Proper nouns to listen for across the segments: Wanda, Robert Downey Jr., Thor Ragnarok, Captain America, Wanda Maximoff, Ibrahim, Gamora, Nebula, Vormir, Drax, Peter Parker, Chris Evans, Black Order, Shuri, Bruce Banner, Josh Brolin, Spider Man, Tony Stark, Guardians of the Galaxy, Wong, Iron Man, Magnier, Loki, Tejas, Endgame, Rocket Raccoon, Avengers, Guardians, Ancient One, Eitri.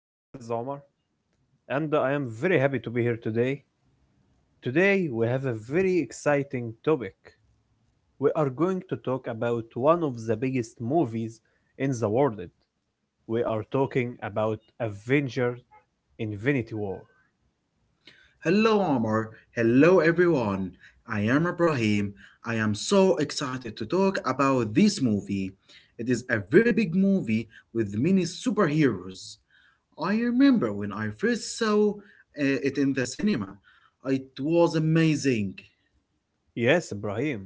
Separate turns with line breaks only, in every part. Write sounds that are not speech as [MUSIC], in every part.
My name is Omar, and I am very happy to be here today. Today, we have a very exciting topic. We are going to talk about one of the biggest movies in the world. We are talking about Avengers Infinity War.
Hello, Omar. Hello, everyone. I am Ibrahim. I am so excited to talk about this movie. It is a very big movie with many superheroes. I remember when I first saw it in the cinema. It was amazing.
Yes, Ibrahim,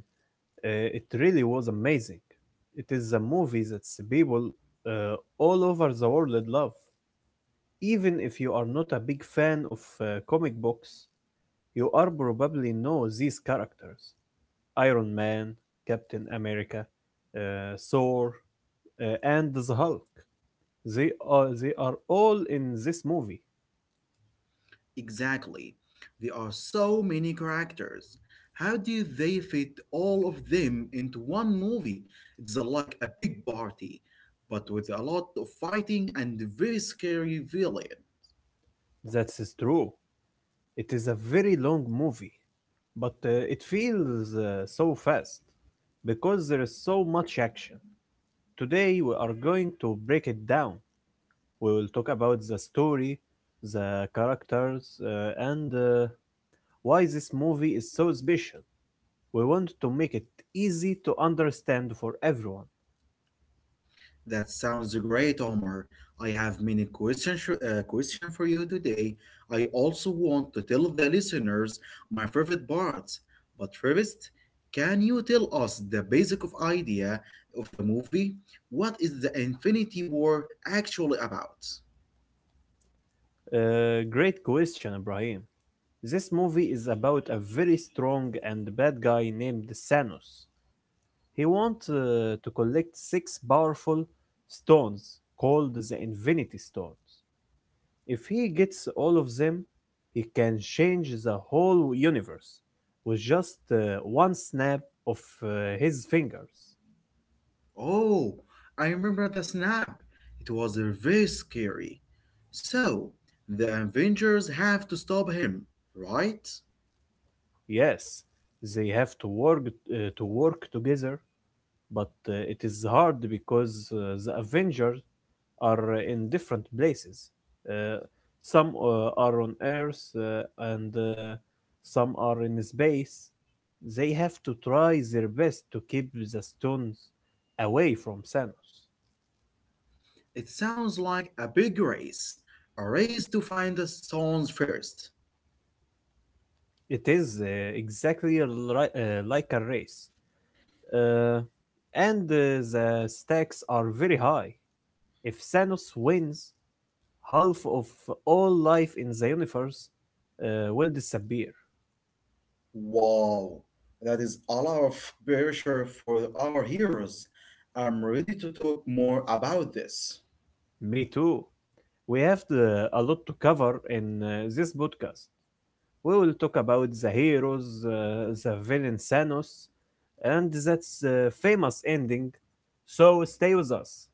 it really was amazing. It is a movie that people all over the world love. Even if you are not a big fan of comic books, you are probably know these characters: Iron Man, Captain America, Thor, and the Hulk. They are all in this movie.
Exactly. There are so many characters. How do they fit all of them into one movie? It's like a big party, but with a lot of fighting and very scary villain.
That is true. It is a very long movie, but it feels so fast because there is so much action. Today we are going to break it down. We will talk about the story, the characters, and why this movie is so special. We want to make it easy to understand for everyone.
That sounds great, Omar. I have many questions question for you today. I also want to tell the listeners my favorite parts. But first, can you tell us the basic of idea of the movie? What is the Infinity War actually about?
Great question, Ibrahim. This movie is about a very strong and bad guy named Thanos. He wants to collect six powerful stones called the Infinity Stones. If he gets all of them, he can change the whole universe with just one snap of his fingers.
Oh, I remember the snap. It was very scary. So, the Avengers have to stop him, right?
Yes, they have to work together, but it is hard because the Avengers are in different places. Uh, some are on Earth and some are in space. They have to try their best to keep the stones away from Thanos.
It sounds like a big race, a race to find the songs first.
It is exactly like a race. Uh, and the stakes are very high. If Thanos wins, half of all life in the universe will disappear.
Wow, that is a lot of pressure for our heroes. I'm ready to talk more about this.
Me too. We have a lot to cover in this podcast. We will talk about the heroes, the villain Thanos, and that's famous ending. So stay with us.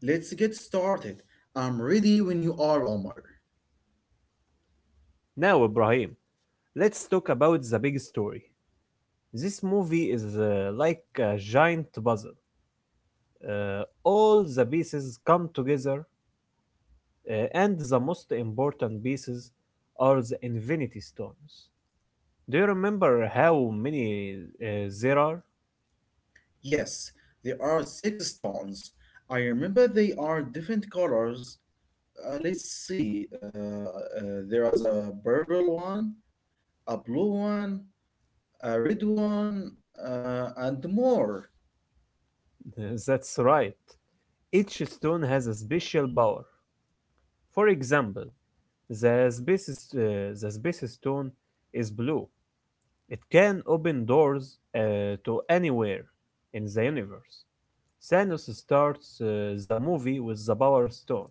Let's get started. I'm ready when you are, Omar.
Now, Ibrahim, let's talk about the big story. This movie is like a giant puzzle. All the pieces come together. And the most important pieces are the Infinity Stones. Do you remember how many uh, there are?
Yes, there are six stones. I remember they are different colors. Let's see. There is a purple one, a blue one, Redwan, and more.
[LAUGHS] That's right. Each stone has a special power. For example, the space stone is blue. It can open doors uh, to anywhere in the universe. Thanos starts the movie with the power stone,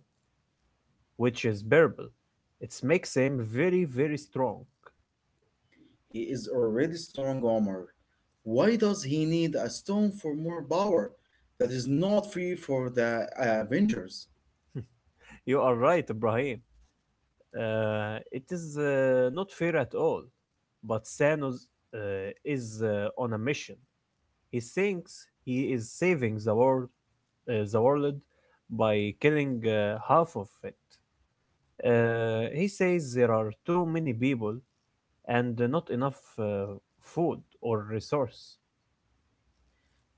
which is purple. It makes him very, very strong.
He is already strong armor. Why does he need a stone for more power? That is not free for the Avengers.
You are right, Ibrahim. It is not fair at all. But Thanos uh, is on a mission. He thinks he is saving the world, uh, the world by killing half of it. He says there are too many people and not enough food or resource.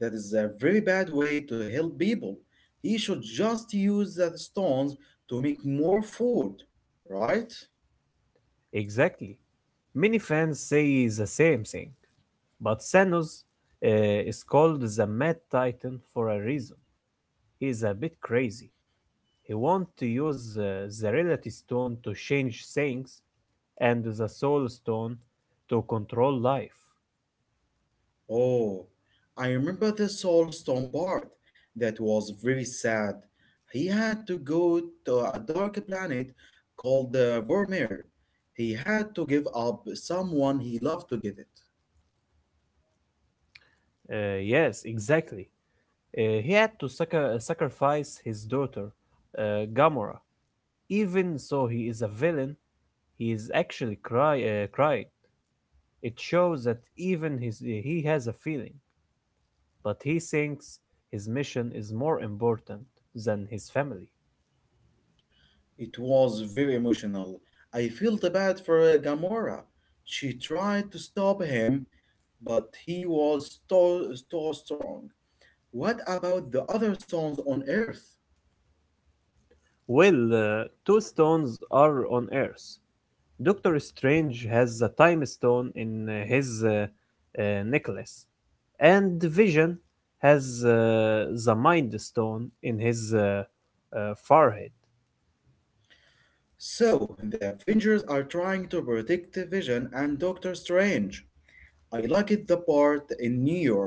That is a very bad way to help people. He should just use that stones to make more food, right?
Exactly. Many fans say the same thing, but Thanos is called the Mad Titan for a reason. He's a bit crazy. He wants to use the Reality Stone to change things and the Soul Stone to control life.
Oh, I remember the soul stone part. That was very sad. He had to go to a dark planet called Vormir. He had to give up someone he loved to get it.
Yes, exactly. He had to sacrifice his daughter, Gamora. Even so, he is a villain. He is actually cry cried. It shows that even his he has a feeling, but he thinks his mission is more important than his family.
It was very emotional. I felt bad for Gamora. She tried to stop him, but he was so, so strong. What about the other stones on Earth?
Well, two stones are on Earth. Doctor Strange has the Time Stone in his uh, necklace, and Vision has the Mind Stone in his forehead.
So, the Avengers are trying to protect Vision and Doctor Strange. I liked the part in New York.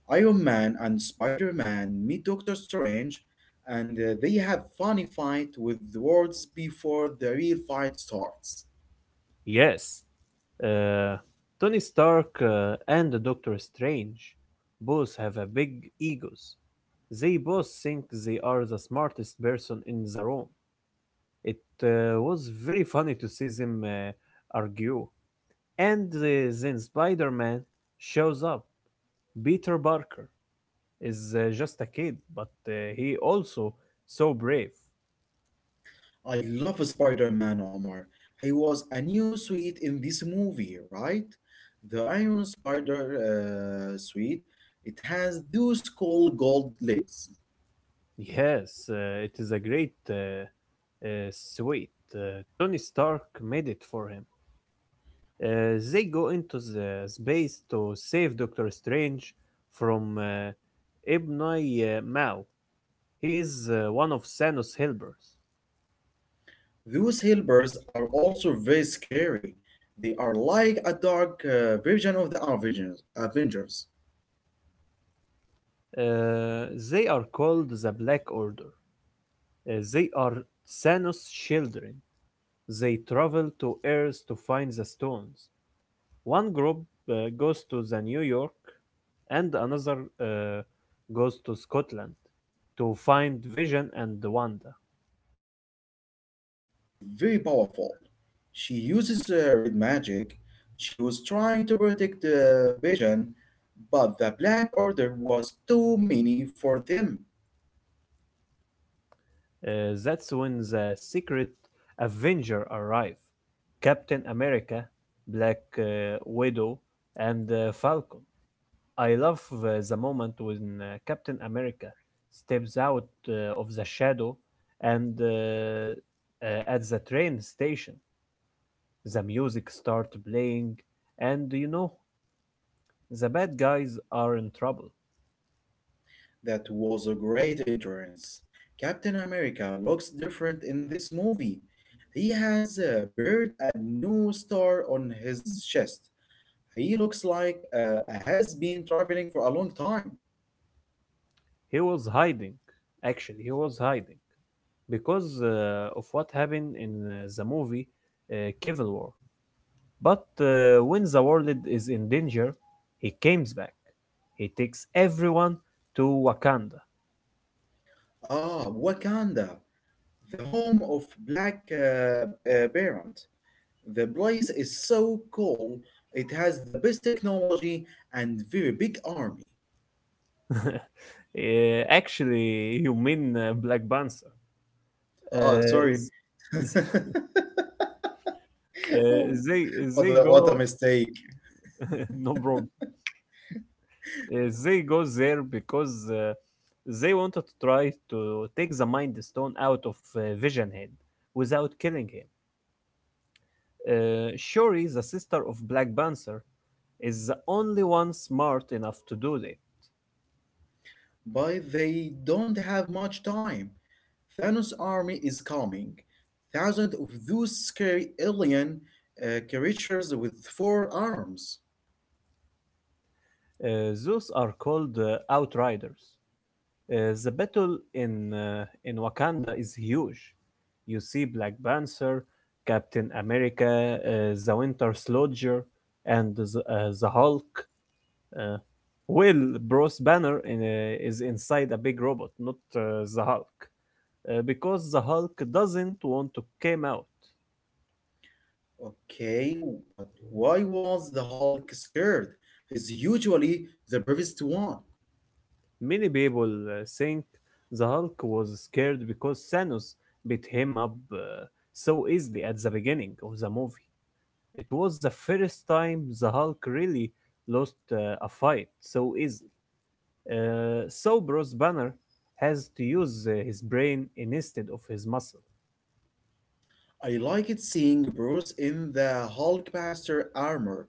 Iron Man and Spider Man meet Doctor Strange and they have funny fight with words before the real fight starts.
Yes, uh, Tony Stark and Doctor Strange both have a big egos. They both think they are the smartest person in the room. It was very funny to see them argue. And then Spider-Man shows up. Peter Parker is just a kid, but he also so brave.
I love Spider Man Omar. He was a new suit in this movie, right? The Iron Spider suit. It has those cool gold legs.
Yes, it is a great suite. Tony Stark made it for him. They go into the space to save Doctor Strange from Ibnai Mao. He is one of Thanos' helpers.
Those helpers are also very scary. They are like a dark version of the Avengers.
They are called the Black Order. They are Thanos' children. They travel to Earth to find the stones. One group goes to the New York, and another goes to Scotland to find Vision and Wanda.
Wanda is very powerful. She uses red magic. She was trying to protect the Vision, but the Black Order was too many for them.
Uh, that's when the secret Avenger arrive. Captain America, Black Widow, and Falcon. I love the moment when Captain America steps out of the shadow and at the train station, the music starts playing, and you know, the bad guys are in trouble.
That was a great entrance. Captain America looks different in this movie. He has a bird and no star on his chest. He looks like has been traveling for a long time.
He was hiding, Actually, he was hiding because of what happened in the movie Civil War. But when the world is in danger, he comes back. He takes everyone to Wakanda.
Ah, Wakanda, the home of Black Parent. The place is so cool. It has the best technology and very big army.
[LAUGHS] Actually, you mean Black Panther.
Oh,
Uh,
sorry.
z- z- [LAUGHS]
[LAUGHS]
uh, they
what,
they
a, what a
go.
mistake.
[LAUGHS] No problem. They go there because they wanted to try to take the Mind Stone out of Vision Head without killing him. Shuri, the sister of Black Panther, is the only one smart enough to do that.
But they don't have much time. Thanos' army is coming. Thousands of those scary alien creatures with four arms.
Those are called Outriders. The battle in Wakanda is huge. You see Black Panther, Captain America, the Winter Soldier, and the Hulk. Uh, well, Bruce Banner is inside a big robot, not the Hulk, because the Hulk doesn't want to come out.
Okay, but why was the Hulk scared? He's usually the bravest one.
Many people think the Hulk was scared because Thanos beat him up so easily at the beginning of the movie. It was the first time the Hulk really lost a fight so easily. So Bruce Banner has to use his brain instead of his muscle.
I liked seeing Bruce in the Hulkbuster armor.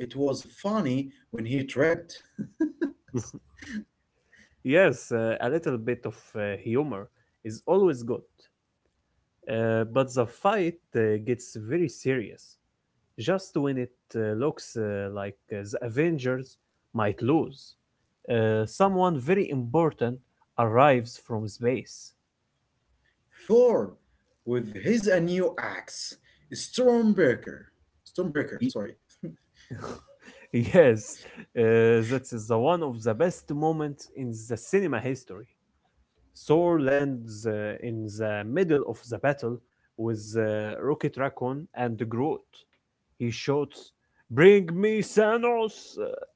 It was funny when he tripped. [LAUGHS]
Yes, a little bit of humor is always good, but the fight gets very serious just when it looks like the Avengers might lose. Someone very important arrives from space.
Thor, with his a new axe, Stormbreaker. Stormbreaker, sorry.
[LAUGHS] Yes, that is the one of the best moments in the cinema history. Thor lands in the middle of the battle with Rocket Raccoon and Groot. He shouts, "Bring me Thanos!"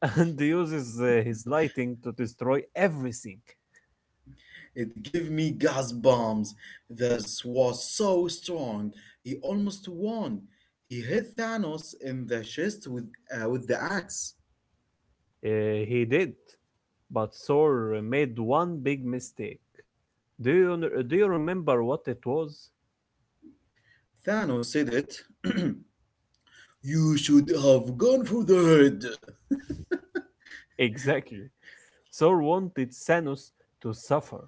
[LAUGHS] and uses his lighting to destroy everything.
It gave me gas bombs that was so strong he almost won. He hit Thanos in the chest with the axe.
He did, but Thor made one big mistake. Do you remember what it was?
Thanos said it. [CLEARS THROAT] You should have gone for the head.
Exactly. Thor wanted Thanos to suffer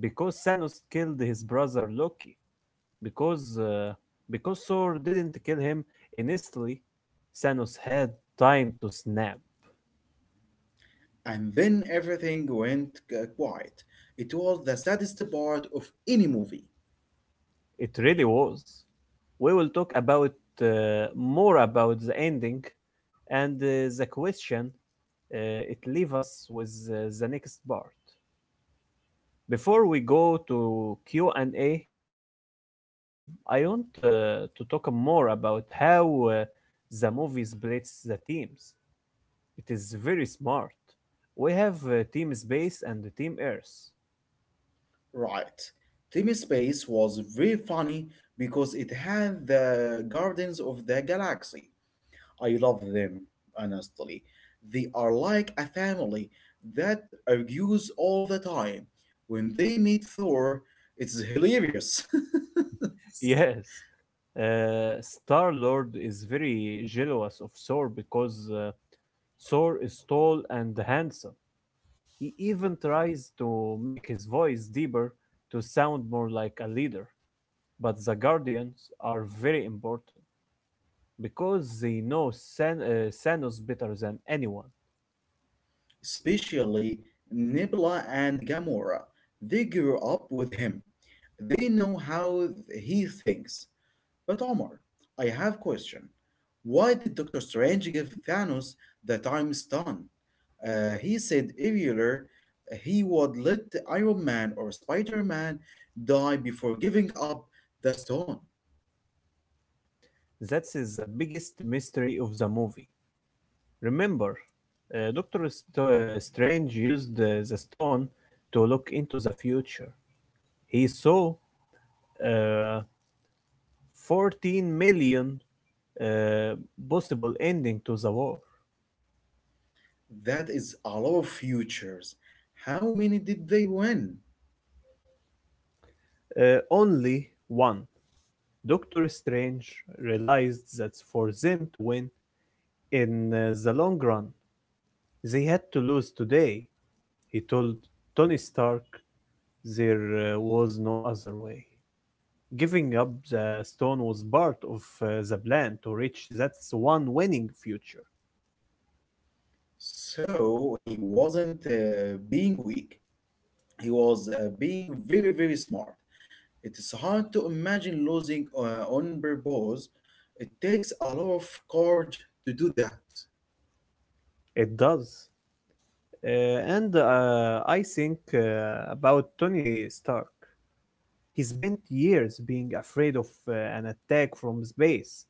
because Thanos killed his brother Loki. Because uh, because Thor didn't kill him instantly, Thanos had time to snap.
And then everything went quiet. It was the saddest part of any movie.
It really was. We will talk about more about the ending and the question uh, it leaves us with the next part. Before we go to Q&A, Ibrahim, I want to talk more about how the movie splits the teams. It is very smart. We have Team Space and Team Earth.
Right. Team Space was very funny because it had the Guardians of the Galaxy. I love them, honestly. They are like a family that argues all the time. When they meet Thor, it's hilarious. [LAUGHS]
[LAUGHS] Yes, Star Lord is very jealous of Thor because Thor is tall and handsome. He even tries to make his voice deeper to sound more like a leader. But the Guardians are very important, because they know Thanos better than anyone.
Especially Nebula and Gamora. They grew up with him. They know how he thinks. But Omar, I have question. Why did Doctor Strange give Thanos the time stone? He said earlier he would let Iron Man or Spider-Man die before giving up the stone.
That's the biggest mystery of the movie. Remember, Doctor Strange used the stone to look into the future. He saw uh, 14 million uh, possible ending to the war.
That is a lot of futures. How many did they win?
Only one. Doctor Strange realized that for them to win in the long run, they had to lose today. He told Tony Stark there was no other way. Giving up the stone was part of the plan to reach that one winning future.
So he wasn't being weak. He was being very, very smart. It is hard to imagine losing on purpose. It takes a lot of courage to do that.
It does. Uh, and I think about Tony Stark. He spent years being afraid of an attack from space.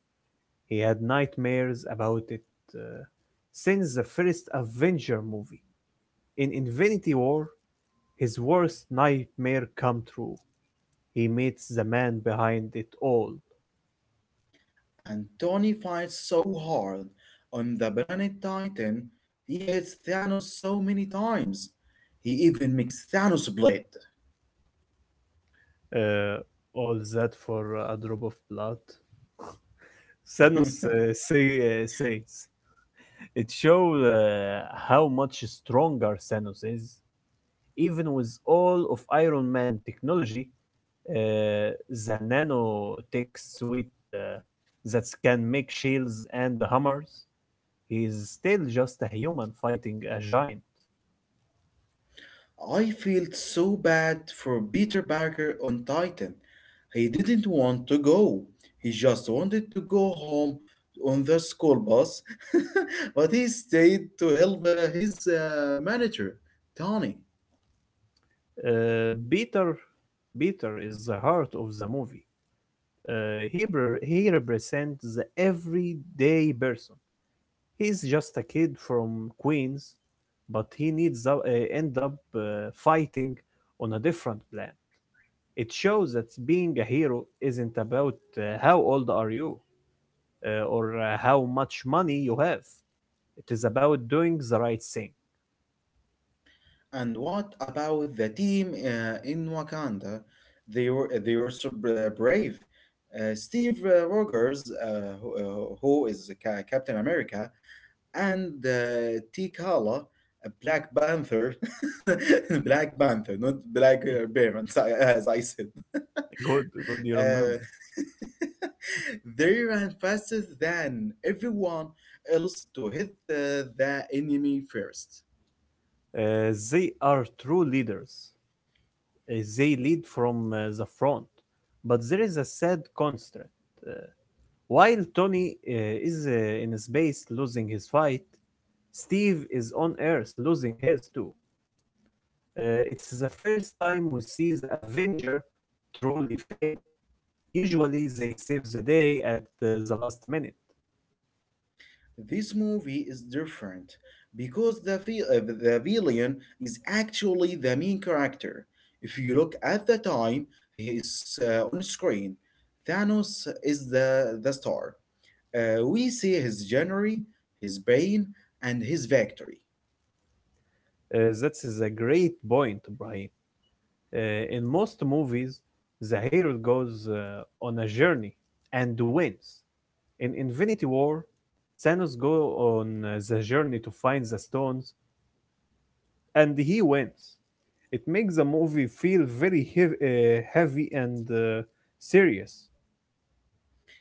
He had nightmares about it uh, since the first Avenger movie. In Infinity War, his worst nightmare came true. He meets the man behind it all.
And Tony fights so hard on the planet Titan, he hits Thanos so many times. He even makes Thanos blade.
Uh, all that for a drop of blood. Thanos
[LAUGHS]
says, it shows how much stronger Thanos is, even with all of Iron Man technology, the nanotech suite uh, that can make shields and hammers. He is still just a human fighting a giant.
I felt so bad for Peter Parker on Titan. He didn't want to go. He just wanted to go home on the school bus, [LAUGHS] but he stayed to help his manager, Tony.
Uh, Peter, Peter is the heart of the movie. He represents the everyday person. He's just a kid from Queens, but he end up fighting on a different plan. It shows that being a hero isn't about how old are you or how much money you have. It is about doing the right thing.
And what about the team in Wakanda? They were so brave. Steve Rogers, who is Captain America, and Tikala, a Black Panther, [LAUGHS] Black Panther, not Black
[LAUGHS]
Parents, I- [LAUGHS] as I said. [LAUGHS]
Good, good, you remember.
Uh, [LAUGHS] they ran faster than everyone else to hit the enemy first.
They are true leaders. They lead from the front. But there is a sad constraint. Uh, while Tony is in space losing his fight, Steve is on Earth losing his too. It's the first time we see the Avenger truly fail. Usually they save the day at the last minute.
This movie is different because the villain is actually the main character. If you look at the time he is on screen, Thanos is the star. We see his journey, his pain, and his victory.
That's a great point, Brian. uh, in most movies, the hero goes on a journey and wins. In Infinity War, Thanos go on the journey to find the stones, and he wins. It makes the movie feel very heavy and serious.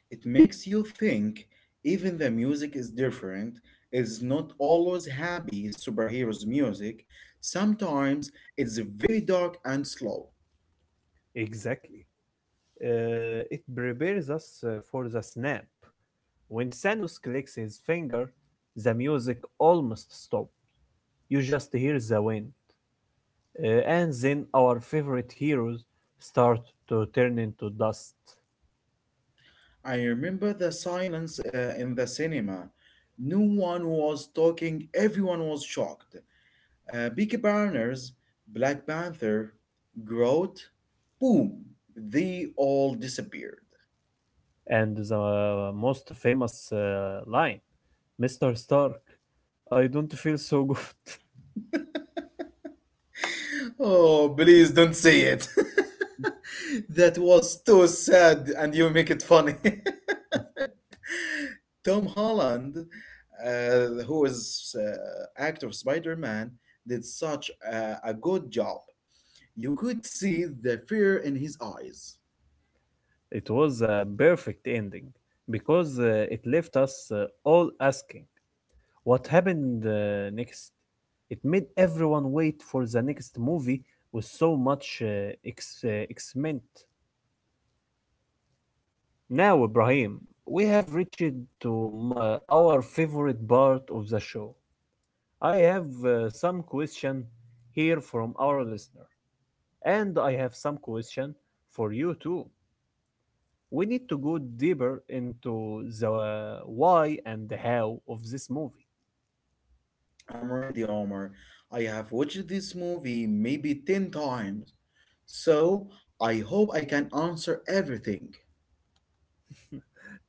It makes you think, even the music is different. It's not always happy superheroes' music. Sometimes it's very dark and slow.
Exactly. It prepares us for the snap. When Thanos clicks his finger, the music almost stops. You just hear the wind. And then our favorite heroes start to turn into dust.
I remember the silence in the cinema. No one was talking, everyone was shocked. Peaky Blinders, Black Panther, Groot, boom, they all disappeared.
And the most famous line, Mr. Stark, I don't feel so good.
Oh, please don't say it. [LAUGHS] That was too sad, and you make it funny. [LAUGHS]
[LAUGHS]
Tom Holland, who is actor of Spider Man, did such a good job. You could see the fear in his eyes.
It was a perfect ending because it left us all asking what happened next. It made everyone wait for the next movie with so much excitement. Now, Ibrahim, we have reached to our favorite part of the show. I have some question here from our listener, and I have some question for you too. We need to go deeper into the why and the how of this movie.
Amr the Armor, I have watched this movie maybe 10 times, so I hope I can answer everything.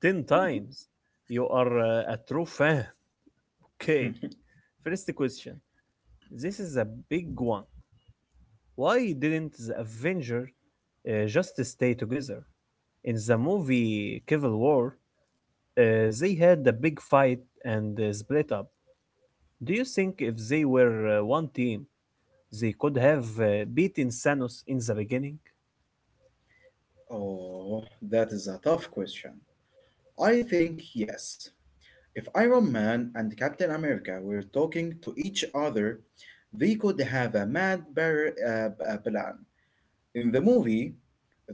Ten times. You are a true fan. [LAUGHS] Okay.
[LAUGHS]
First question. This is a big one. Why didn't the Avenger just stay together? In the movie Civil War, uh, they had a big fight and split up. Do you think if they were one team, they could have beaten Thanos in the beginning?
Oh, that is a tough question. I think yes. If Iron Man and Captain America were talking to each other, they could have a plan. In the movie,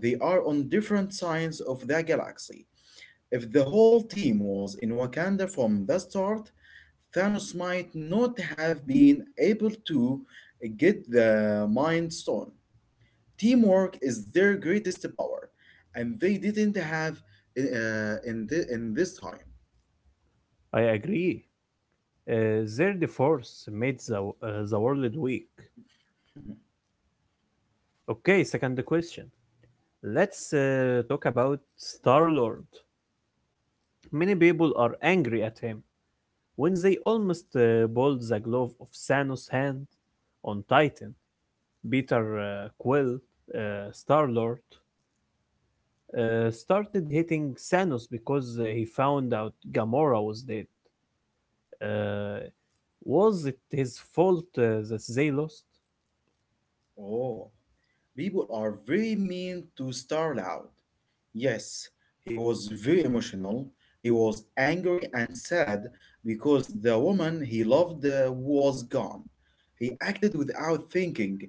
they are on different sides of the galaxy. If the whole team was in Wakanda from the start, Thanos might not have been able to get the Mind Stone. Teamwork is their greatest power, and they didn't have in this time.
I agree. Uh, their divorce made the world weak.
[LAUGHS]
Okay, second question. Let's talk about Star Lord. Many people are angry at him. When they almost bowled the glove of Thanos' hand on Titan, Peter Quill, uh, Star Lord, started hitting Thanos because he found out Gamora was dead. Uh, was it his fault that they lost?
Oh. People are very mean to Starloud. Yes, he was very emotional. He was angry and sad because the woman he loved was gone. He acted without thinking.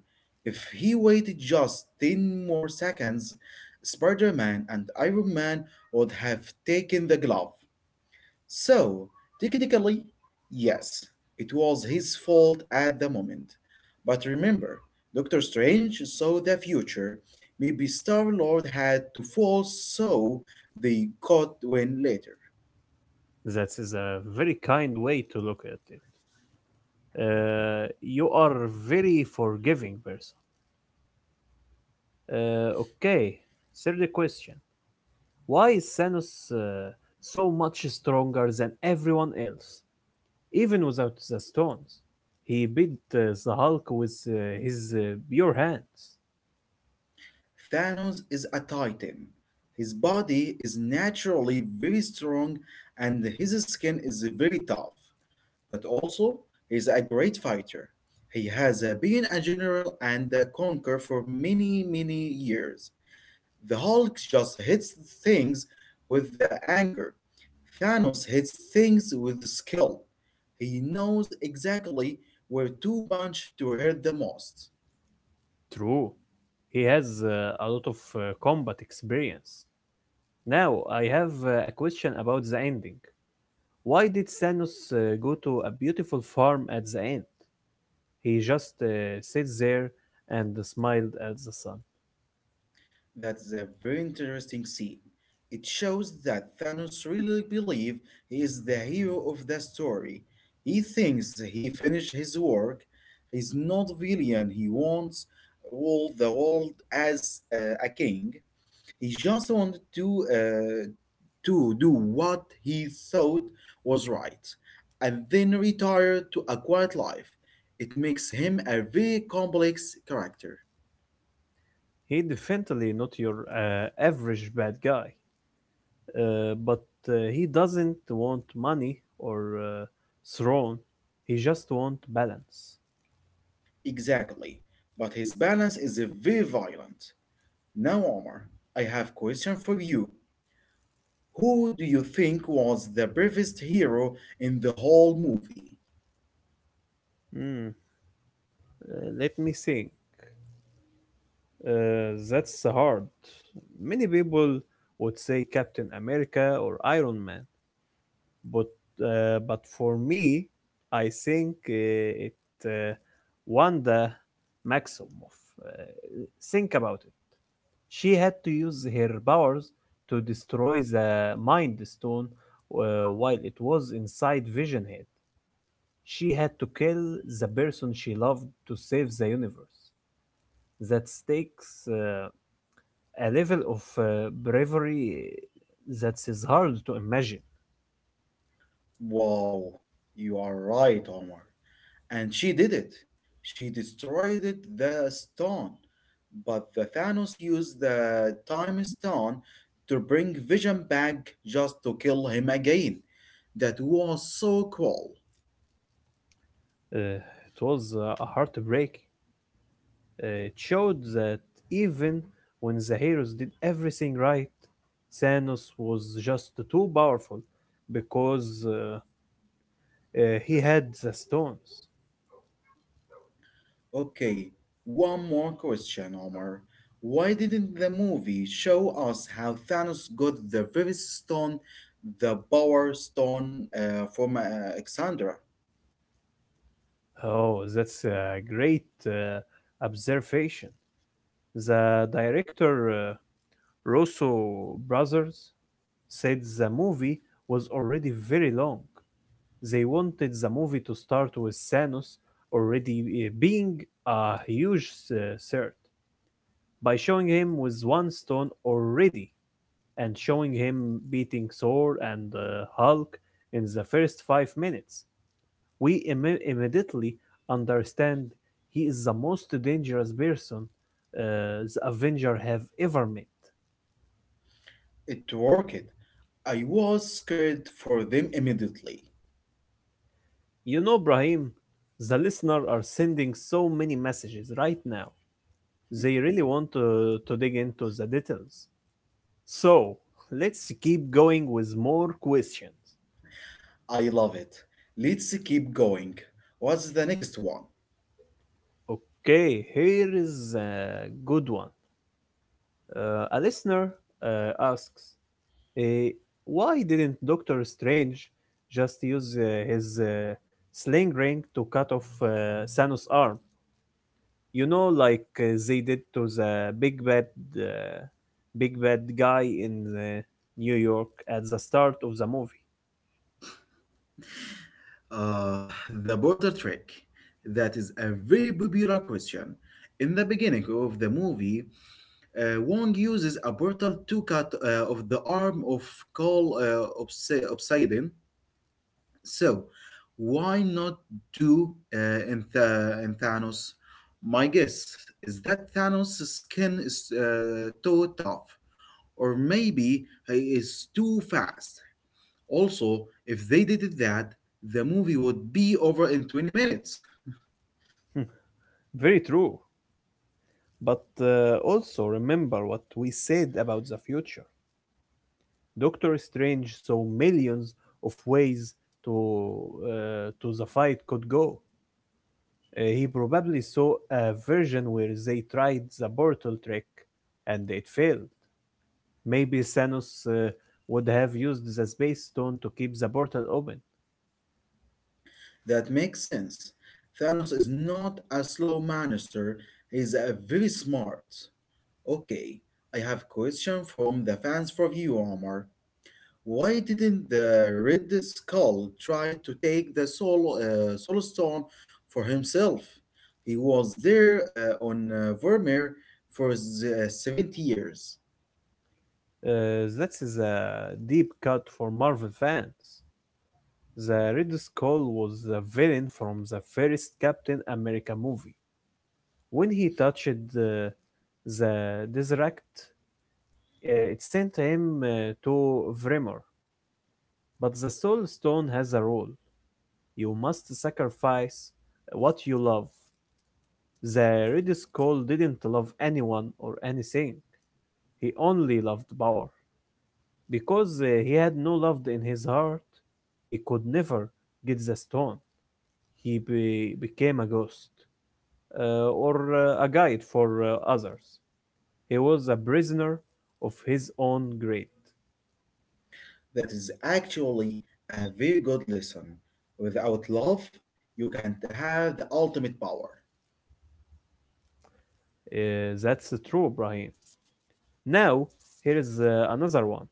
If he waited just 10 more seconds, Spider Man and Iron Man would have taken the glove. So, technically, yes, it was his fault at the moment. But remember, Doctor Strange saw the future. Maybe Star Lord had to fall so they could win later.
That is a very kind way to look at it. You are a very forgiving person. Okay, third question. Why is Thanos so much stronger than everyone else, even without the stones? He beat the Hulk with his pure hands.
Thanos is a titan. His body is naturally very strong and his skin is very tough. But also, he's a great fighter. He has been a general and a conqueror for many, many years. The Hulk just hits things with the anger. Thanos hits things with the skill. He knows exactly where to punch to hurt the most.
True, he has a lot of combat experience. Now, I have a question about the ending. Why did Thanos go to a beautiful farm at the end? He just sits there and smiled at the sun.
That's a very interesting scene. It shows that Thanos really believes he is the hero of the story. He thinks he finished his work. He's not villain. He wants all the world as a king. He just wanted to do what he thought was right, and then retired to a quiet life. It makes him a very complex character.
He definitely not your average bad guy. But he doesn't want money or throne. He just want balance.
Exactly, but his balance is very violent. Now, Omar, I have question for you. Who do you think was the bravest hero in the whole movie?
Hmm. Let me think. That's hard. Many people would say Captain America or Iron Man, but but for me, I think it uh, Wanda Maximoff. Uh, think about it. She had to use her powers to destroy the Mind Stone while it was inside Vision Head. She had to kill the person she loved to save the universe. That takes a level of bravery that is hard to imagine.
Wow, you are right, Omar. And she did it. She destroyed the stone. But the Thanos used the time stone to bring Vision back just to kill him again. That was so cool.
It was a heartbreak. It showed that even when the heroes did everything right, Thanos was just too powerful because he had the stones.
Okay, one more question, Omar. Why didn't the movie show us how Thanos got the Vivis Stone, the Power Stone from Alexandra?
Oh, that's a great observation. The director, Russo Brothers, said the movie was already very long. They wanted the movie to start with Thanos already being a huge threat by showing him with one stone already and showing him beating Thor and Hulk in the first 5 minutes. We immediately understand he is the most dangerous person the Avenger have ever met.
It worked. I was scared for them immediately.
You know, Brahim, the listener are sending so many messages right now. They really want to dig into the details. So, let's keep going with more questions.
I love it. Let's keep going. What's the next one?
Okay, here is a good one. A listener asks, Uh, why didn't Doctor Strange just use his sling ring to cut off Thanos' arm? You know, like they did to the uh, big bad guy in New York at the start of the movie.
Uh, the border trick. That is a very popular question. In the beginning of the movie, Wong uses a portal to cut off the arm of Cole Obsidian. So, why not do uh, in Thanos? My guess is that Thanos' skin is too tough, or maybe he is too fast. Also, if they did that, the movie would be over in 20 minutes.
Hmm, very true. But also remember what we said about the future. Doctor Strange saw millions of ways to to the fight could go. He probably saw a version where they tried the portal trick and it failed. Maybe Thanos would have used the space stone to keep the portal open.
That makes sense. Thanos is not a slow monster, he's a very smart. Okay, I have question from the fans for you, Omar. Why didn't the Red Skull try to take the Soul Stone for himself? He was there on Vermeer for 70 years.
That is a deep cut for Marvel fans. The Red Skull was the villain from the first Captain America movie. When he touched the Deseract, it sent him to Vremor. But the Soul Stone has a role. You must sacrifice what you love. The Red Skull didn't love anyone or anything. He only loved power. Because he had no love in his heart, he could never get the stone. He became a ghost or a guide for others. He was a prisoner of his own greed.
That is actually a very good lesson. Without love, you can't have the ultimate power.
That's true, Brahim. Now, here is another one.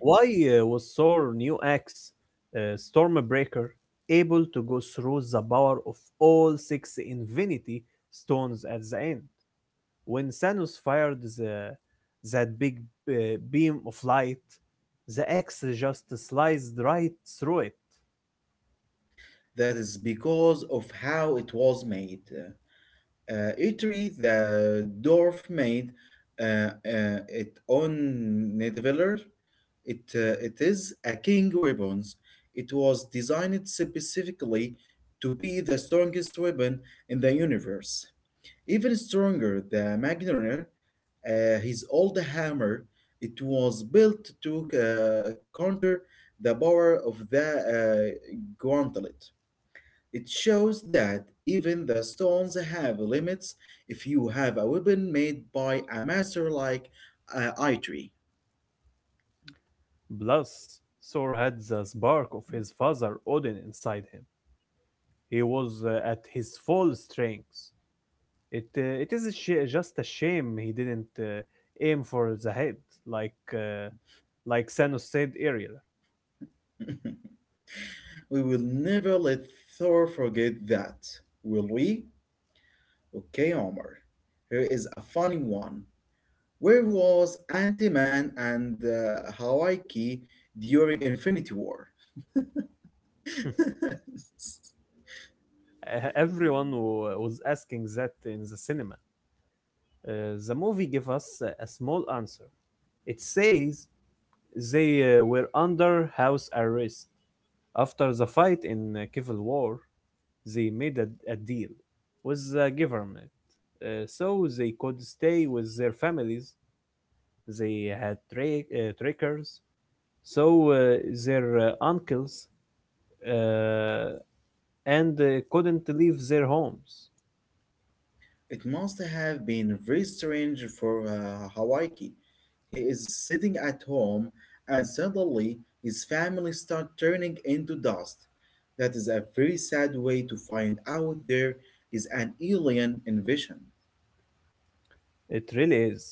Why was Thor New X Stormbreaker able to go through the power of all six Infinity Stones at the end? When Thanos fired that big uh, beam of light, the X just sliced right through it.
That is because of how it was made. Italy, the dwarf made uh, it on Nidavellir. It is a king ribbons. It was designed specifically to be the strongest ribbon in the universe. Even stronger, the Magnier, his old hammer, it was built to counter the power of the gauntlet. It shows that even the stones have limits if you have a weapon made by a master like Eitri.
Plus, Thor had the spark of his father Odin inside him. He was at his full strength. It is a just a shame he didn't aim for the head like uh, like Thanos said earlier.
[LAUGHS] We will never let Thor forget that, will we?
[LAUGHS]
Okay, Omar. Here is a funny one. Where was Ant-Man and Hawaii during Infinity War?
Hmm.
[LAUGHS]
Everyone was asking that in the cinema. Uh, the movie gave us a small answer. It says they were under house arrest. After the fight in Civil War, they made a deal with the government so they could stay with their families. They had trackers, so their uncles uh, and couldn't leave their homes.
It must have been very strange for Hawaii. He is sitting at home and suddenly his family start turning into dust. That is a very sad way to find out there is an alien invasion.
It really is.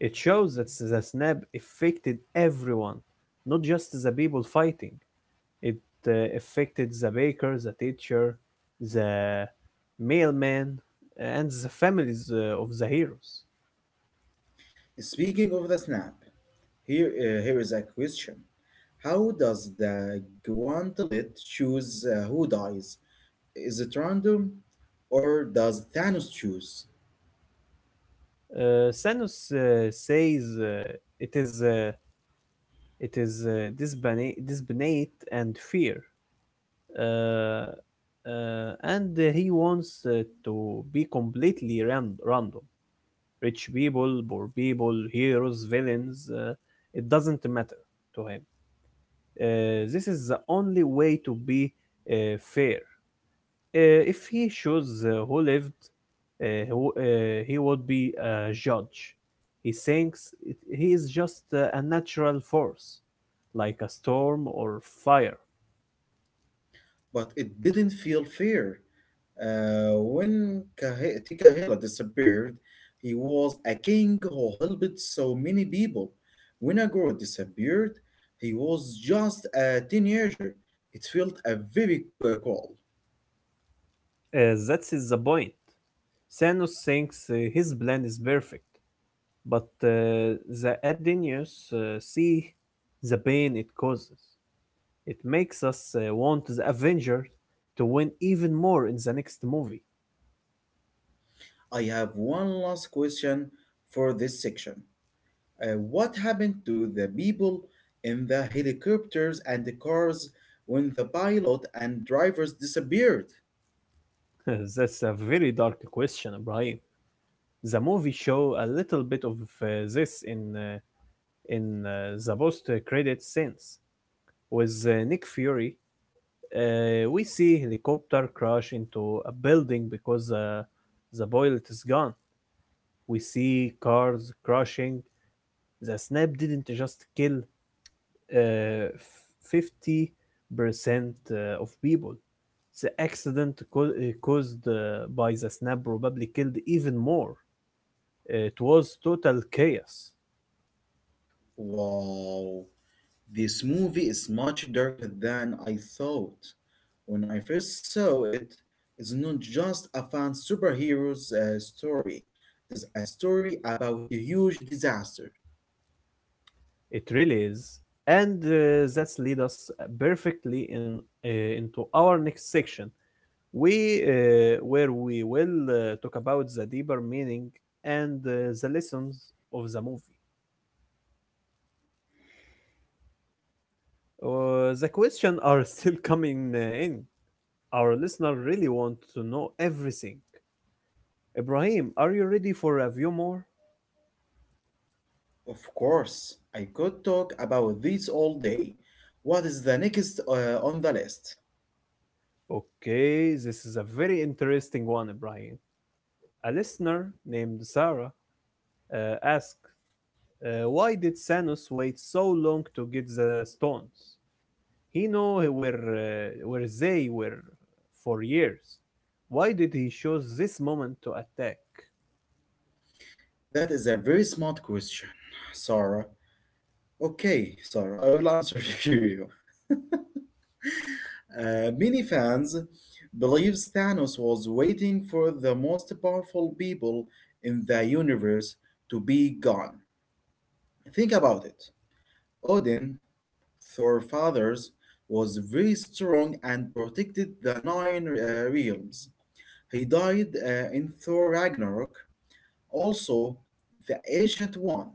It shows that the snap affected everyone, not just the people fighting. It affected the baker, the teacher, the mailman, and the families of the heroes.
Speaking of the snap, here is a question. How does the gauntlet choose who dies? Is it random? Or does Thanos choose?
Thanos says it is. It is disbana- disbandate and fear. Uh, and He wants to be completely random. Rich people, poor people, heroes, villains, it doesn't matter to him. This is the only way to be uh, fair. If he shows who lived, uh, who, uh, he would be a judge. He is just a natural force, like a storm or fire.
But it didn't feel fair. When Tikahila disappeared, he was a king who helped so many people. When Agor disappeared, he was just a teenager. It felt a very cool.
That is the point. Thanos thinks his plan is perfect, but the Adenius see the pain it causes. It makes us want the Avengers to win even more in the next movie.
I have one last question for this section. What happened to the people in the helicopters and the cars when the pilot and drivers disappeared?
[LAUGHS] That's a very dark question, Ibrahim. The movie show a little bit of uh, this in the post credit scenes. With Nick Fury, we see helicopter crash into a building because the pilot is gone. We see cars crashing. The snap didn't just kill uh, 50% of people. The accident caused by the snap probably killed even more. It was total chaos.
Wow, this movie is much darker than I thought. When I first saw it, it's not just a fan superhero's story. It's a story about a huge disaster.
It really is. And that's lead us perfectly in into our next section, we where we will talk about the deeper meaning and the lessons of the movie. The questions are [LAUGHS] still coming in. Our listener really want to know everything. Ibrahim, are you ready for a few more?
Of course, I could talk about this all day. What is the next on the list?
Okay, this is a very interesting one, Ibrahim. A listener named Sarah asked, why did Thanos wait so long to get the stones? He knew where they were for years. Why did he choose this moment to attack?
That is a very smart question, Sarah. Okay, Sarah, I will answer [LAUGHS] you. Many fans believes Thanos was waiting for the most powerful people in the universe to be gone. Think about it. Odin, Thor fathers, was very strong and protected the nine realms. He died in Thor Ragnarok. Also, the Ancient One,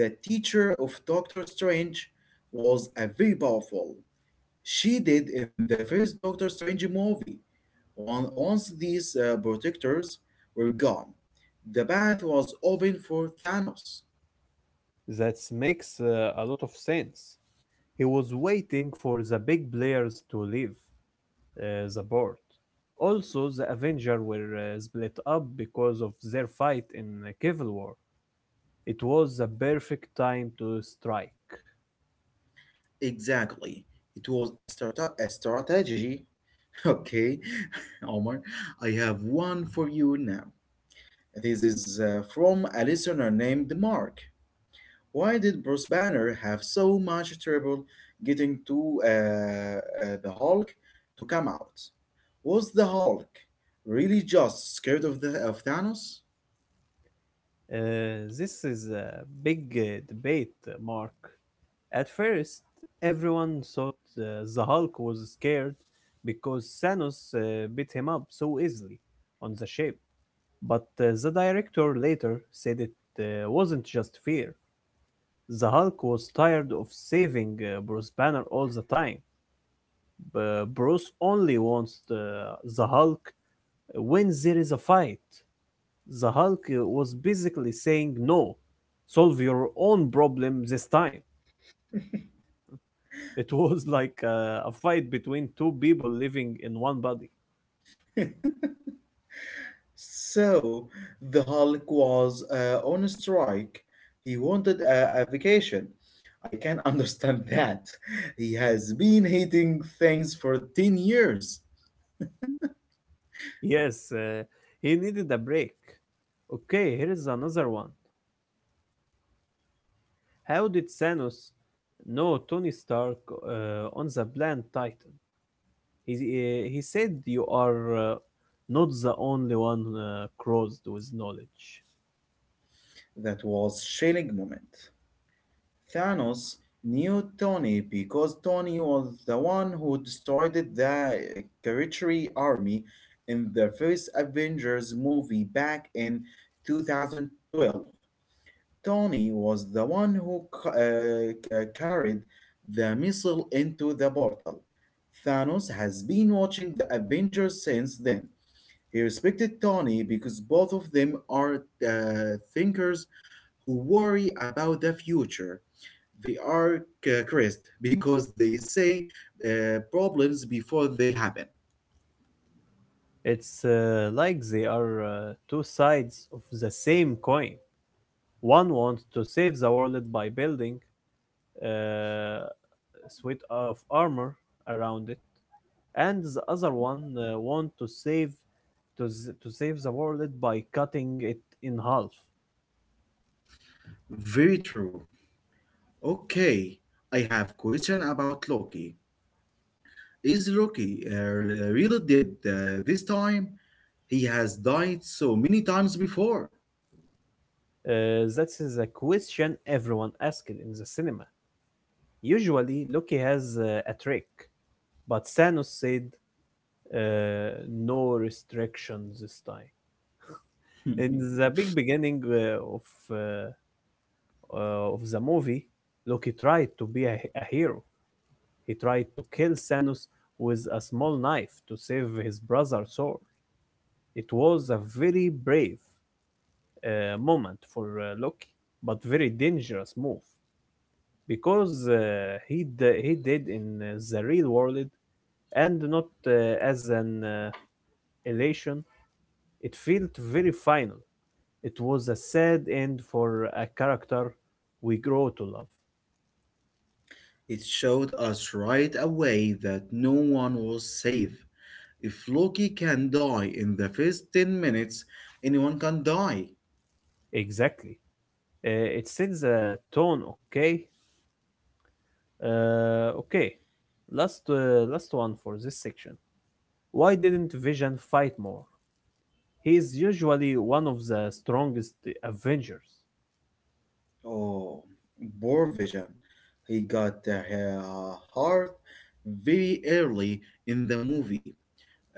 the teacher of Doctor Strange, was a very powerful. She did in the first Doctor Strange movie. Once these protectors were gone, the path was open for Thanos.
That makes a lot of sense. He was waiting for the big players to leave the board. Also, the Avengers were split up because of their fight in the Civil War. It was the perfect time to strike.
Exactly. It was a, a strategy. [LAUGHS] Okay, [LAUGHS] Omar, I have one for you now. This is from a listener named Mark. Why did Bruce Banner have so much trouble getting to the Hulk to come out? Was the Hulk really just scared of the of Thanos?
This is a big debate, Mark. At first, everyone thought the Hulk was scared because Thanos beat him up so easily on the ship, but the director later said it wasn't just fear. The Hulk was tired of saving Bruce Banner all the time. Bruce only wants the Hulk when there is a fight. The Hulk was basically saying, no, solve your own problem this time. [LAUGHS] It was like a fight between two people living in one body.
[LAUGHS] So the Hulk was on strike. He wanted a vacation. I can [LAUGHS] understand that. He has been hating things for 10 years.
Yes, he needed a break. Okay, here is another one. How did Thanos know Tony Stark on the Blind Titan? He he said you are not the only one crossed with knowledge.
That was chilling moment. Thanos knew Tony because Tony was the one who destroyed the Kree army in the first Avengers movie back in 2012. Tony was the one who carried the missile into the portal. Thanos has been watching the Avengers since then. He respected Tony because both of them are thinkers who worry about the future they are cursed because they say problems before they happen.
It's like they are two sides of the same coin. One wants to save the world by building uh, a suite of armor around it, and the other one wants to save to save the world by cutting it in half.
Very true. Okay, I have question about Loki. Is Loki really dead this time? He has died so many times before.
That is a question everyone asked in the cinema. Usually, Loki has a trick, but Thanos said uh, no restrictions this time.
[LAUGHS]
In the big beginning uh, of the movie, Loki tried to be a hero. He tried to kill Thanos with a small knife to save his brother Thor. It was a very brave moment for Loki, but very dangerous move because he did in the real world and not as an elation. It felt very final. It was a sad end for a character we grow to love.
It showed us right away that no one was safe. If Loki can die in the first 10 minutes, anyone can die.
Exactly. It sends a tone, okay? Okay. Last one for this section. Why didn't Vision fight more? He is usually one of the strongest Avengers.
Oh, poor Vision. He got the heart very early in the movie.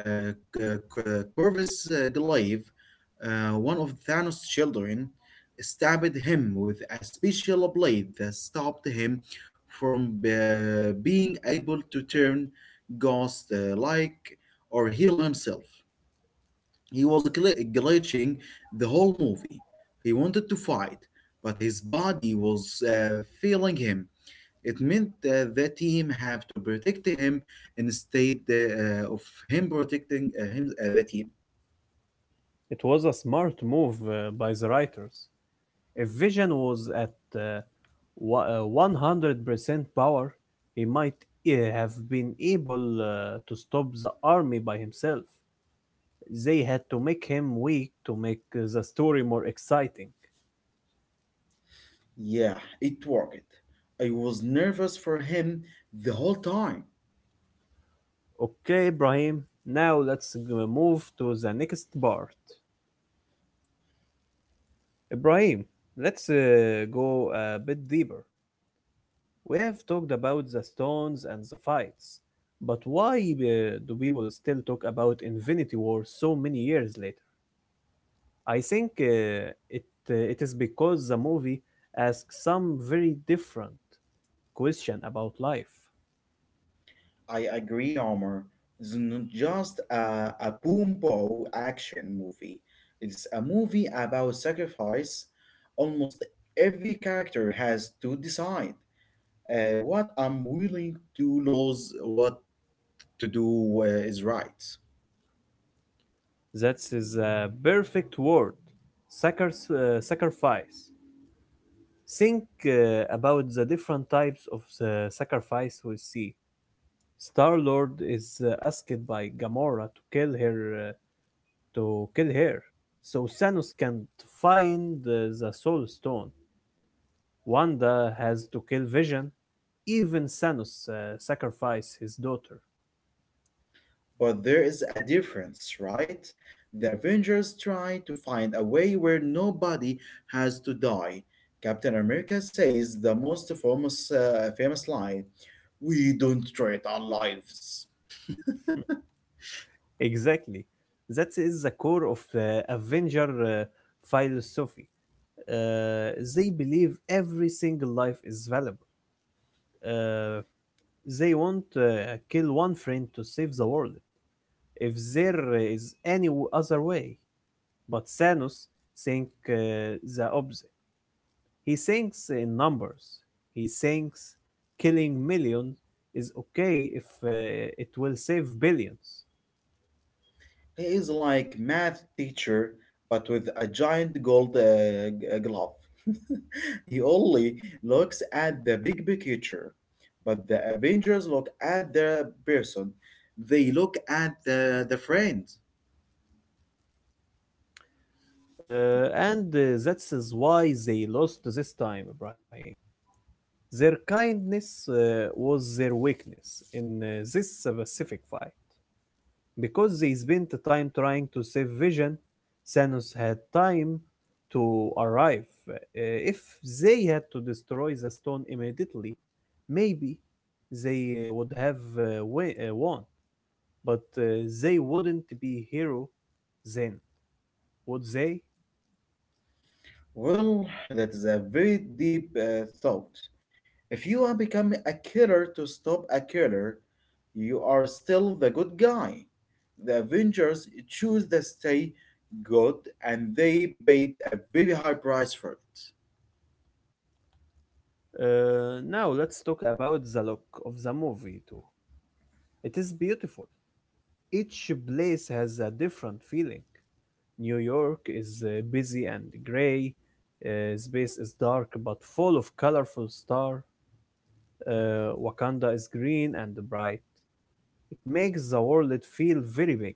Uh, C- Corvus Glaive, one of Thanos' children, stabbed him with a special blade that stopped him from being able to turn ghost-like or heal himself. He was glitching the whole movie. He wanted to fight, but his body was failing him. It meant the team have to protect him instead of him protecting him the team.
It was a smart move by the writers. If Vision was at 100% power, he might have been able to stop the army by himself. They had to make him weak to make the story more exciting.
Yeah, it worked. I was nervous for him the whole time.
Okay, Ibrahim. Now let's move to the next part. Ibrahim, let's go a bit deeper. We have talked about the stones and the fights, but why do people still talk about Infinity War so many years later? I think it is because the movie asks some very different question about life.
I agree, Omar. It's not just a boom bow action movie. It's a movie about sacrifice. Almost every character has to decide what I'm willing to lose, what to do is right.
That is a perfect word, sacrifice. Think about the different types of the sacrifice we see. Star Lord is asked by Gamora to kill her, so Thanos can find the Soul Stone. Wanda has to kill Vision. Even Thanos sacrifice his daughter.
But there is a difference, right? The Avengers try to find a way where nobody has to die. Captain America says the most famous line, we don't trade our lives.
Exactly. That is the core of Avenger philosophy. They believe every single life is valuable. Uh, they won't kill one friend to save the world if there is any other way. But Thanos think the opposite. He thinks in numbers. He thinks killing millions is okay if it will save billions.
He is like math teacher, but with a giant gold glove. [LAUGHS] He only looks at the big picture, but the Avengers look at the person. They look at the friend.
And that is why they lost this time, Ibrahim. Their kindness was their weakness in this specific fight. Because they spent the time trying to save Vision, Thanos had time to arrive. If they had to destroy the stone immediately, maybe they would have won, but they wouldn't be hero then, would they?
Well, that is a very deep thought. If you are becoming a killer to stop a killer, you are still the good guy. The Avengers choose to stay good and they paid a very high price for it.
Now let's talk about the look of the movie too. It is beautiful. Each place has a different feeling. New York is busy and gray. Space is dark but full of colorful stars. Wakanda is green and bright. It makes the world feel very big.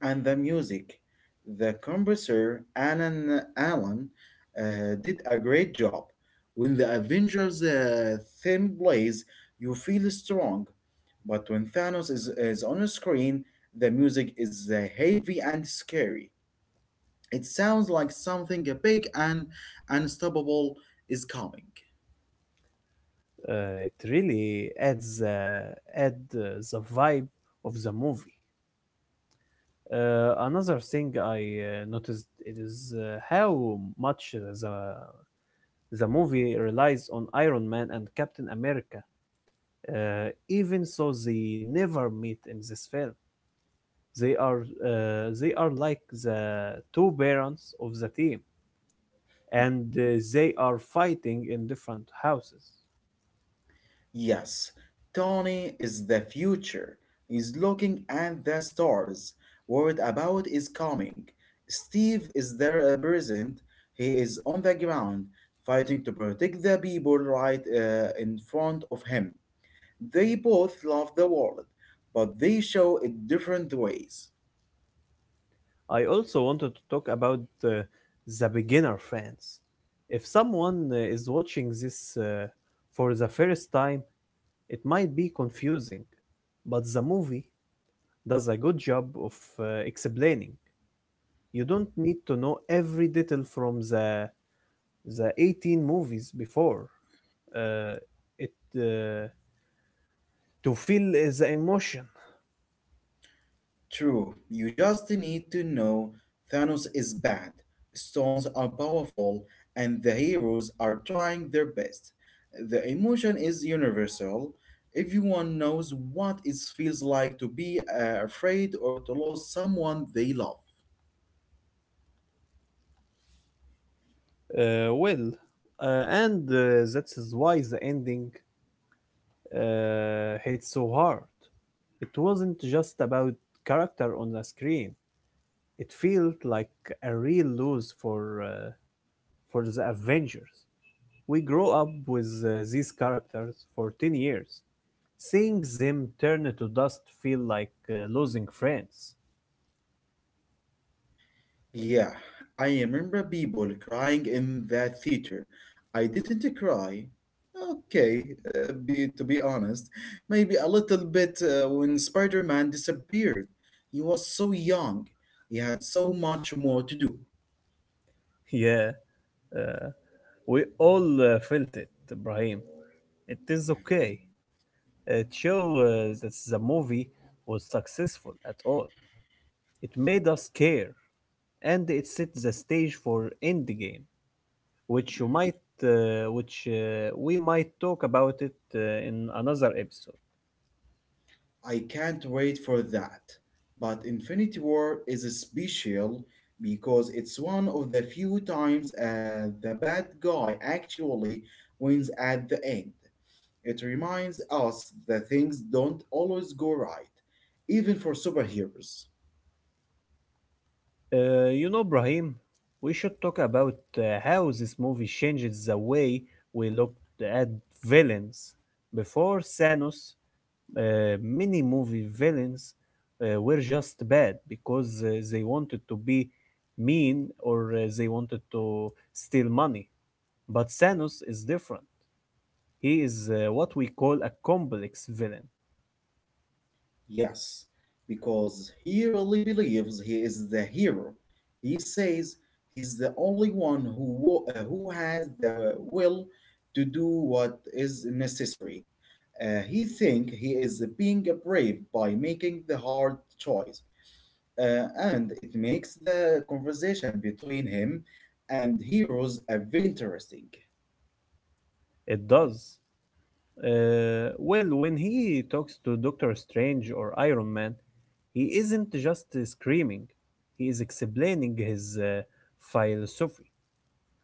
And the music, the composer Alan Allen did a great job. When the Avengers theme plays, you feel strong. But when Thanos is on the screen, the music is heavy and scary. It sounds like something big and unstoppable is coming.
It really adds add the vibe of the movie. Another thing I noticed it is how much the the movie relies on Iron Man and Captain America. Even so, they never meet in this film. They are they are like the two parents of the team, and they are fighting in different houses.
Yes, Tony is the future. He's looking at the stars. Word about is coming. Steve is there present. He is on the ground, fighting to protect the people right in front of him. They both love the world, but they show it different ways.
I also wanted to talk about the beginner fans. If someone is watching this for the first time, it might be confusing, but the movie does a good job of explaining. You don't need to know every detail from the 18 movies before. Uh, it To feel the emotion
True, you just need to know Thanos is bad, stones are powerful, and the heroes are trying their best. The emotion is universal. Everyone knows what it feels like to be afraid or to lose someone they love.
well. And that's why the ending hit so hard. It wasn't just about character on the screen. It felt like a real lose for the Avengers. We grow up with these characters for 10 years. Seeing Zim turn to dust feel like losing friends.
Yeah,
[LAUGHS]
I remember people crying in that theater. I didn't cry. Okay, to be honest, maybe a little bit when Spider Man disappeared. He was so young, he had so much more to do.
Yeah, uh, we all felt it, Ibrahim. It is okay. It show that the movie was successful at all. It made us care, and it set the stage for Endgame, which you might which we might talk about it in another episode.
I can't wait for that. But Infinity War is special because it's one of the few times the bad guy actually wins at the end. It reminds us that things don't always go right, even for superheroes.
You know, Brahim, we should talk about how this movie changes the way we looked at villains. Before Thanos, many movie villains were just bad because they wanted to be mean or they wanted to steal money. But Thanos is different. He is what we call a complex villain.
Yes, because he really believes he is the hero. He says he's the only one who who has the will to do what is necessary. He think he is being brave by making the hard choice, and it makes the conversation between him and heroes very interesting.
It does. Well, when he talks to Doctor Strange or Iron Man, he isn't just screaming, he is explaining his philosophy.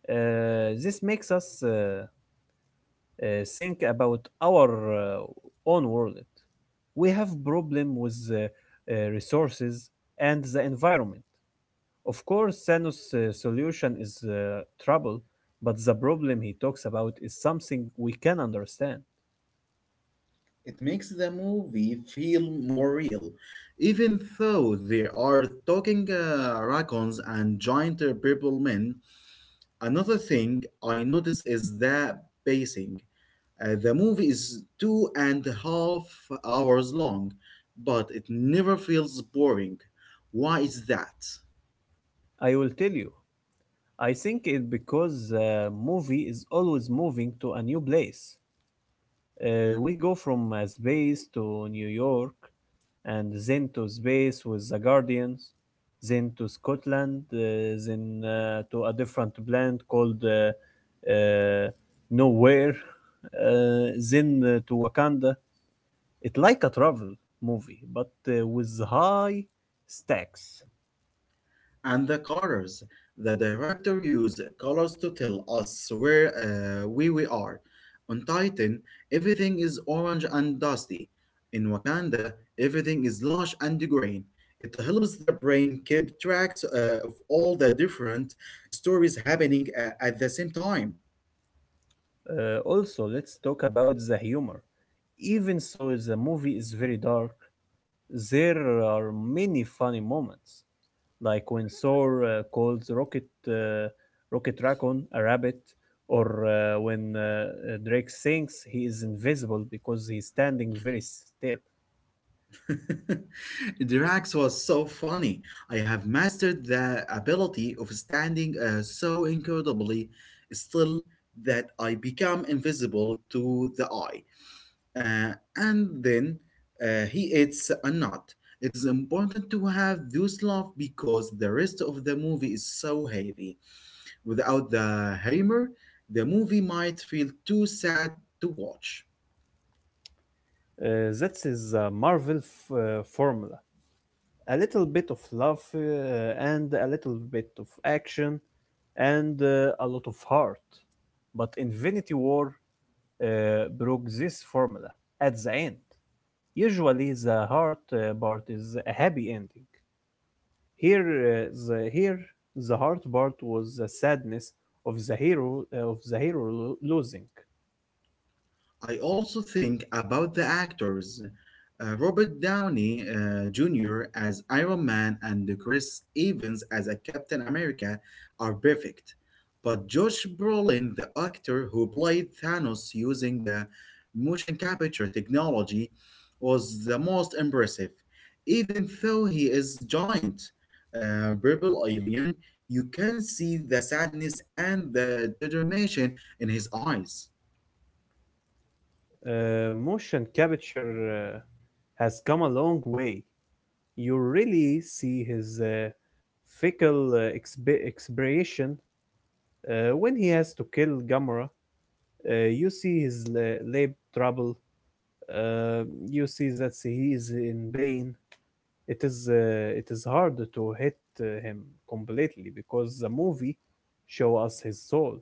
This makes us think about our own world. We have problem with resources and the environment. Of course, Zeno's solution is trouble, but the problem he talks about is something we can understand.
It makes the movie feel more real, even though they are talking raccoons and giant purple men. Another thing I notice is the pacing. The movie is 2.5 hours long, but it never feels boring. Why is that?
I will tell you. I think it because the movie is always moving to a new place. We go from space to New York, and then to space with the Guardians, then to Scotland, then to a different planet called uh, Nowhere, then to Wakanda. It's like a travel movie, but with high stakes.
And the colors. The director used colors to tell us where we are. On Titan, everything is orange and dusty. In Wakanda, everything is lush and green. It helps the brain keep tracks of all the different stories happening at the same time.
Also, let's talk about the humor. Even so, the movie is very dark. There are many funny moments, like when Thor calls Rocket Raccoon a rabbit, or when Drake thinks he is invisible because he's standing very still.
[LAUGHS] Drax was so funny. I have mastered the ability of standing so incredibly still that I become invisible to the eye. And then he eats a nut. It is important to have those laugh because the rest of the movie is so heavy. Without the hammer, the movie might feel too sad to watch.
That is a Marvel formula. A little bit of love and a little bit of action and a lot of heart. But Infinity War uh, broke this formula at the end. Usually, the heart part is a happy ending. Here, the hard part was the sadness of the hero losing.
I also think about the actors. Robert Downey Jr. as Iron Man and Chris Evans as a Captain America are perfect. But Josh Brolin, the actor who played Thanos using motion capture technology, was the most impressive. Even though he is giant, purple alien, you can see the sadness and the determination in his eyes.
Motion capture uh, has come a long way. You really see his fickle expression when he has to kill Gamora. You see his lab trouble. Uh, you see that he is in pain. It is hard to hit him completely because the movie show us his soul.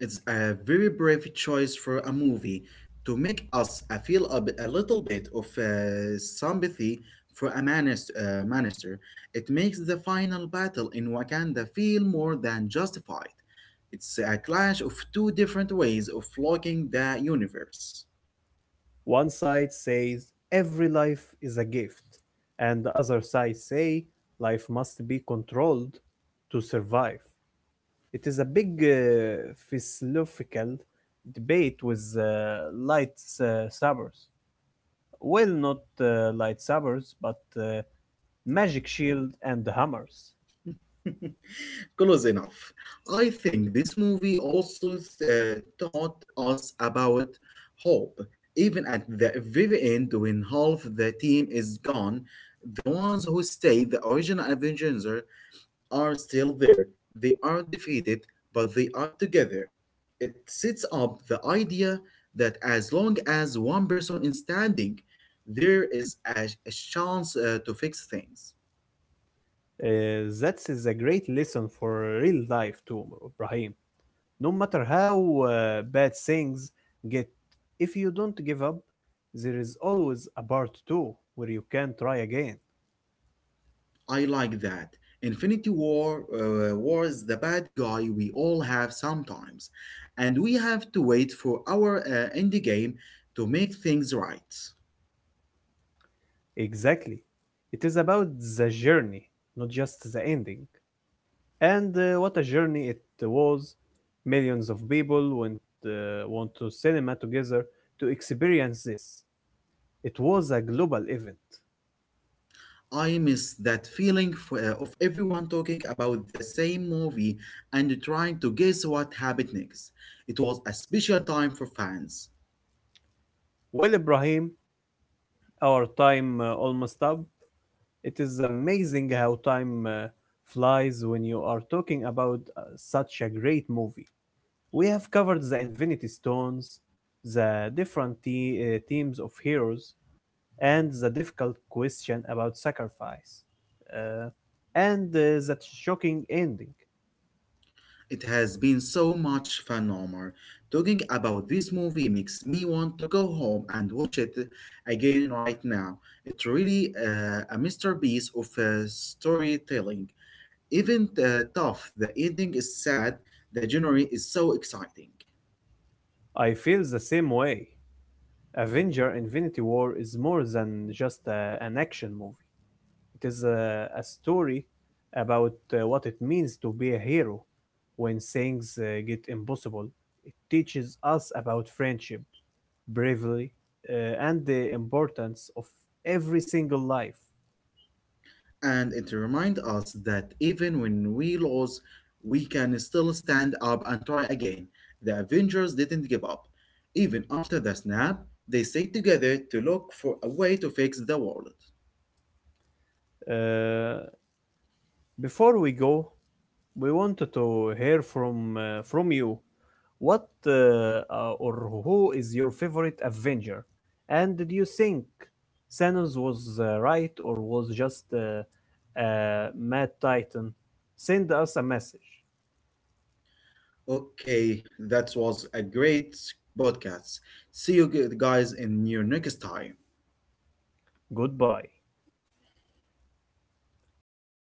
It's a very brave choice for a movie to make us feel a little bit of sympathy for a minister. It makes the final battle in Wakanda feel more than justified. It's a clash of two different ways of looking the universe.
One side says every life is a gift, and the other side say life must be controlled to survive. It is a big philosophical debate with lightsabers. Well, not lightsabers, but magic shield and hammers.
[LAUGHS] Close enough. I think this movie also taught us about hope. Even at the very end, when half the team is gone, the ones who stay, the original Avengers, are still there. They are defeated, but they are together. It sets up the idea that as long as one person is standing, there is a chance to fix things.
That is a great lesson for real life too, Ibrahim. No matter how bad things get, if you don't give up, there is always a part two where you can try again.
I like that. Infinity War was the bad guy we all have sometimes, and we have to wait for our end game to make things right.
Exactly. It is about the journey, not just the ending. And what a journey it was. Millions of people went, went to cinema together to experience this. It was a global event.
I miss that feeling of everyone talking about the same movie and trying to guess what happened next. It was a special time for fans.
Well, Ibrahim, our time almost up. It is amazing how time flies when you are talking about such a great movie. We have covered the Infinity Stones, the different teams of heroes, and the difficult question about sacrifice, uh, and that shocking ending.
It has been so much fun, Omar. Talking about this movie makes me want to go home and watch it again right now. It's really a masterpiece of storytelling. Even tough, the ending is sad, the journey is so exciting.
I feel the same way. Avenger Infinity War is more than just an action movie. It is a story about what it means to be a hero when things get impossible. It teaches us about friendship, bravery, and the importance of every single life.
And it reminds us that even when we lose, we can still stand up and try again. The Avengers didn't give up. Even after the snap, they stayed together to look for a way to fix the world.
Uh, Before we go, we wanted to hear from you. What or who is your favorite Avenger? And do you think Thanos was right or was just a mad titan? Send us a message.
Okay, that was a great podcast. See you guys in your next time.
Goodbye.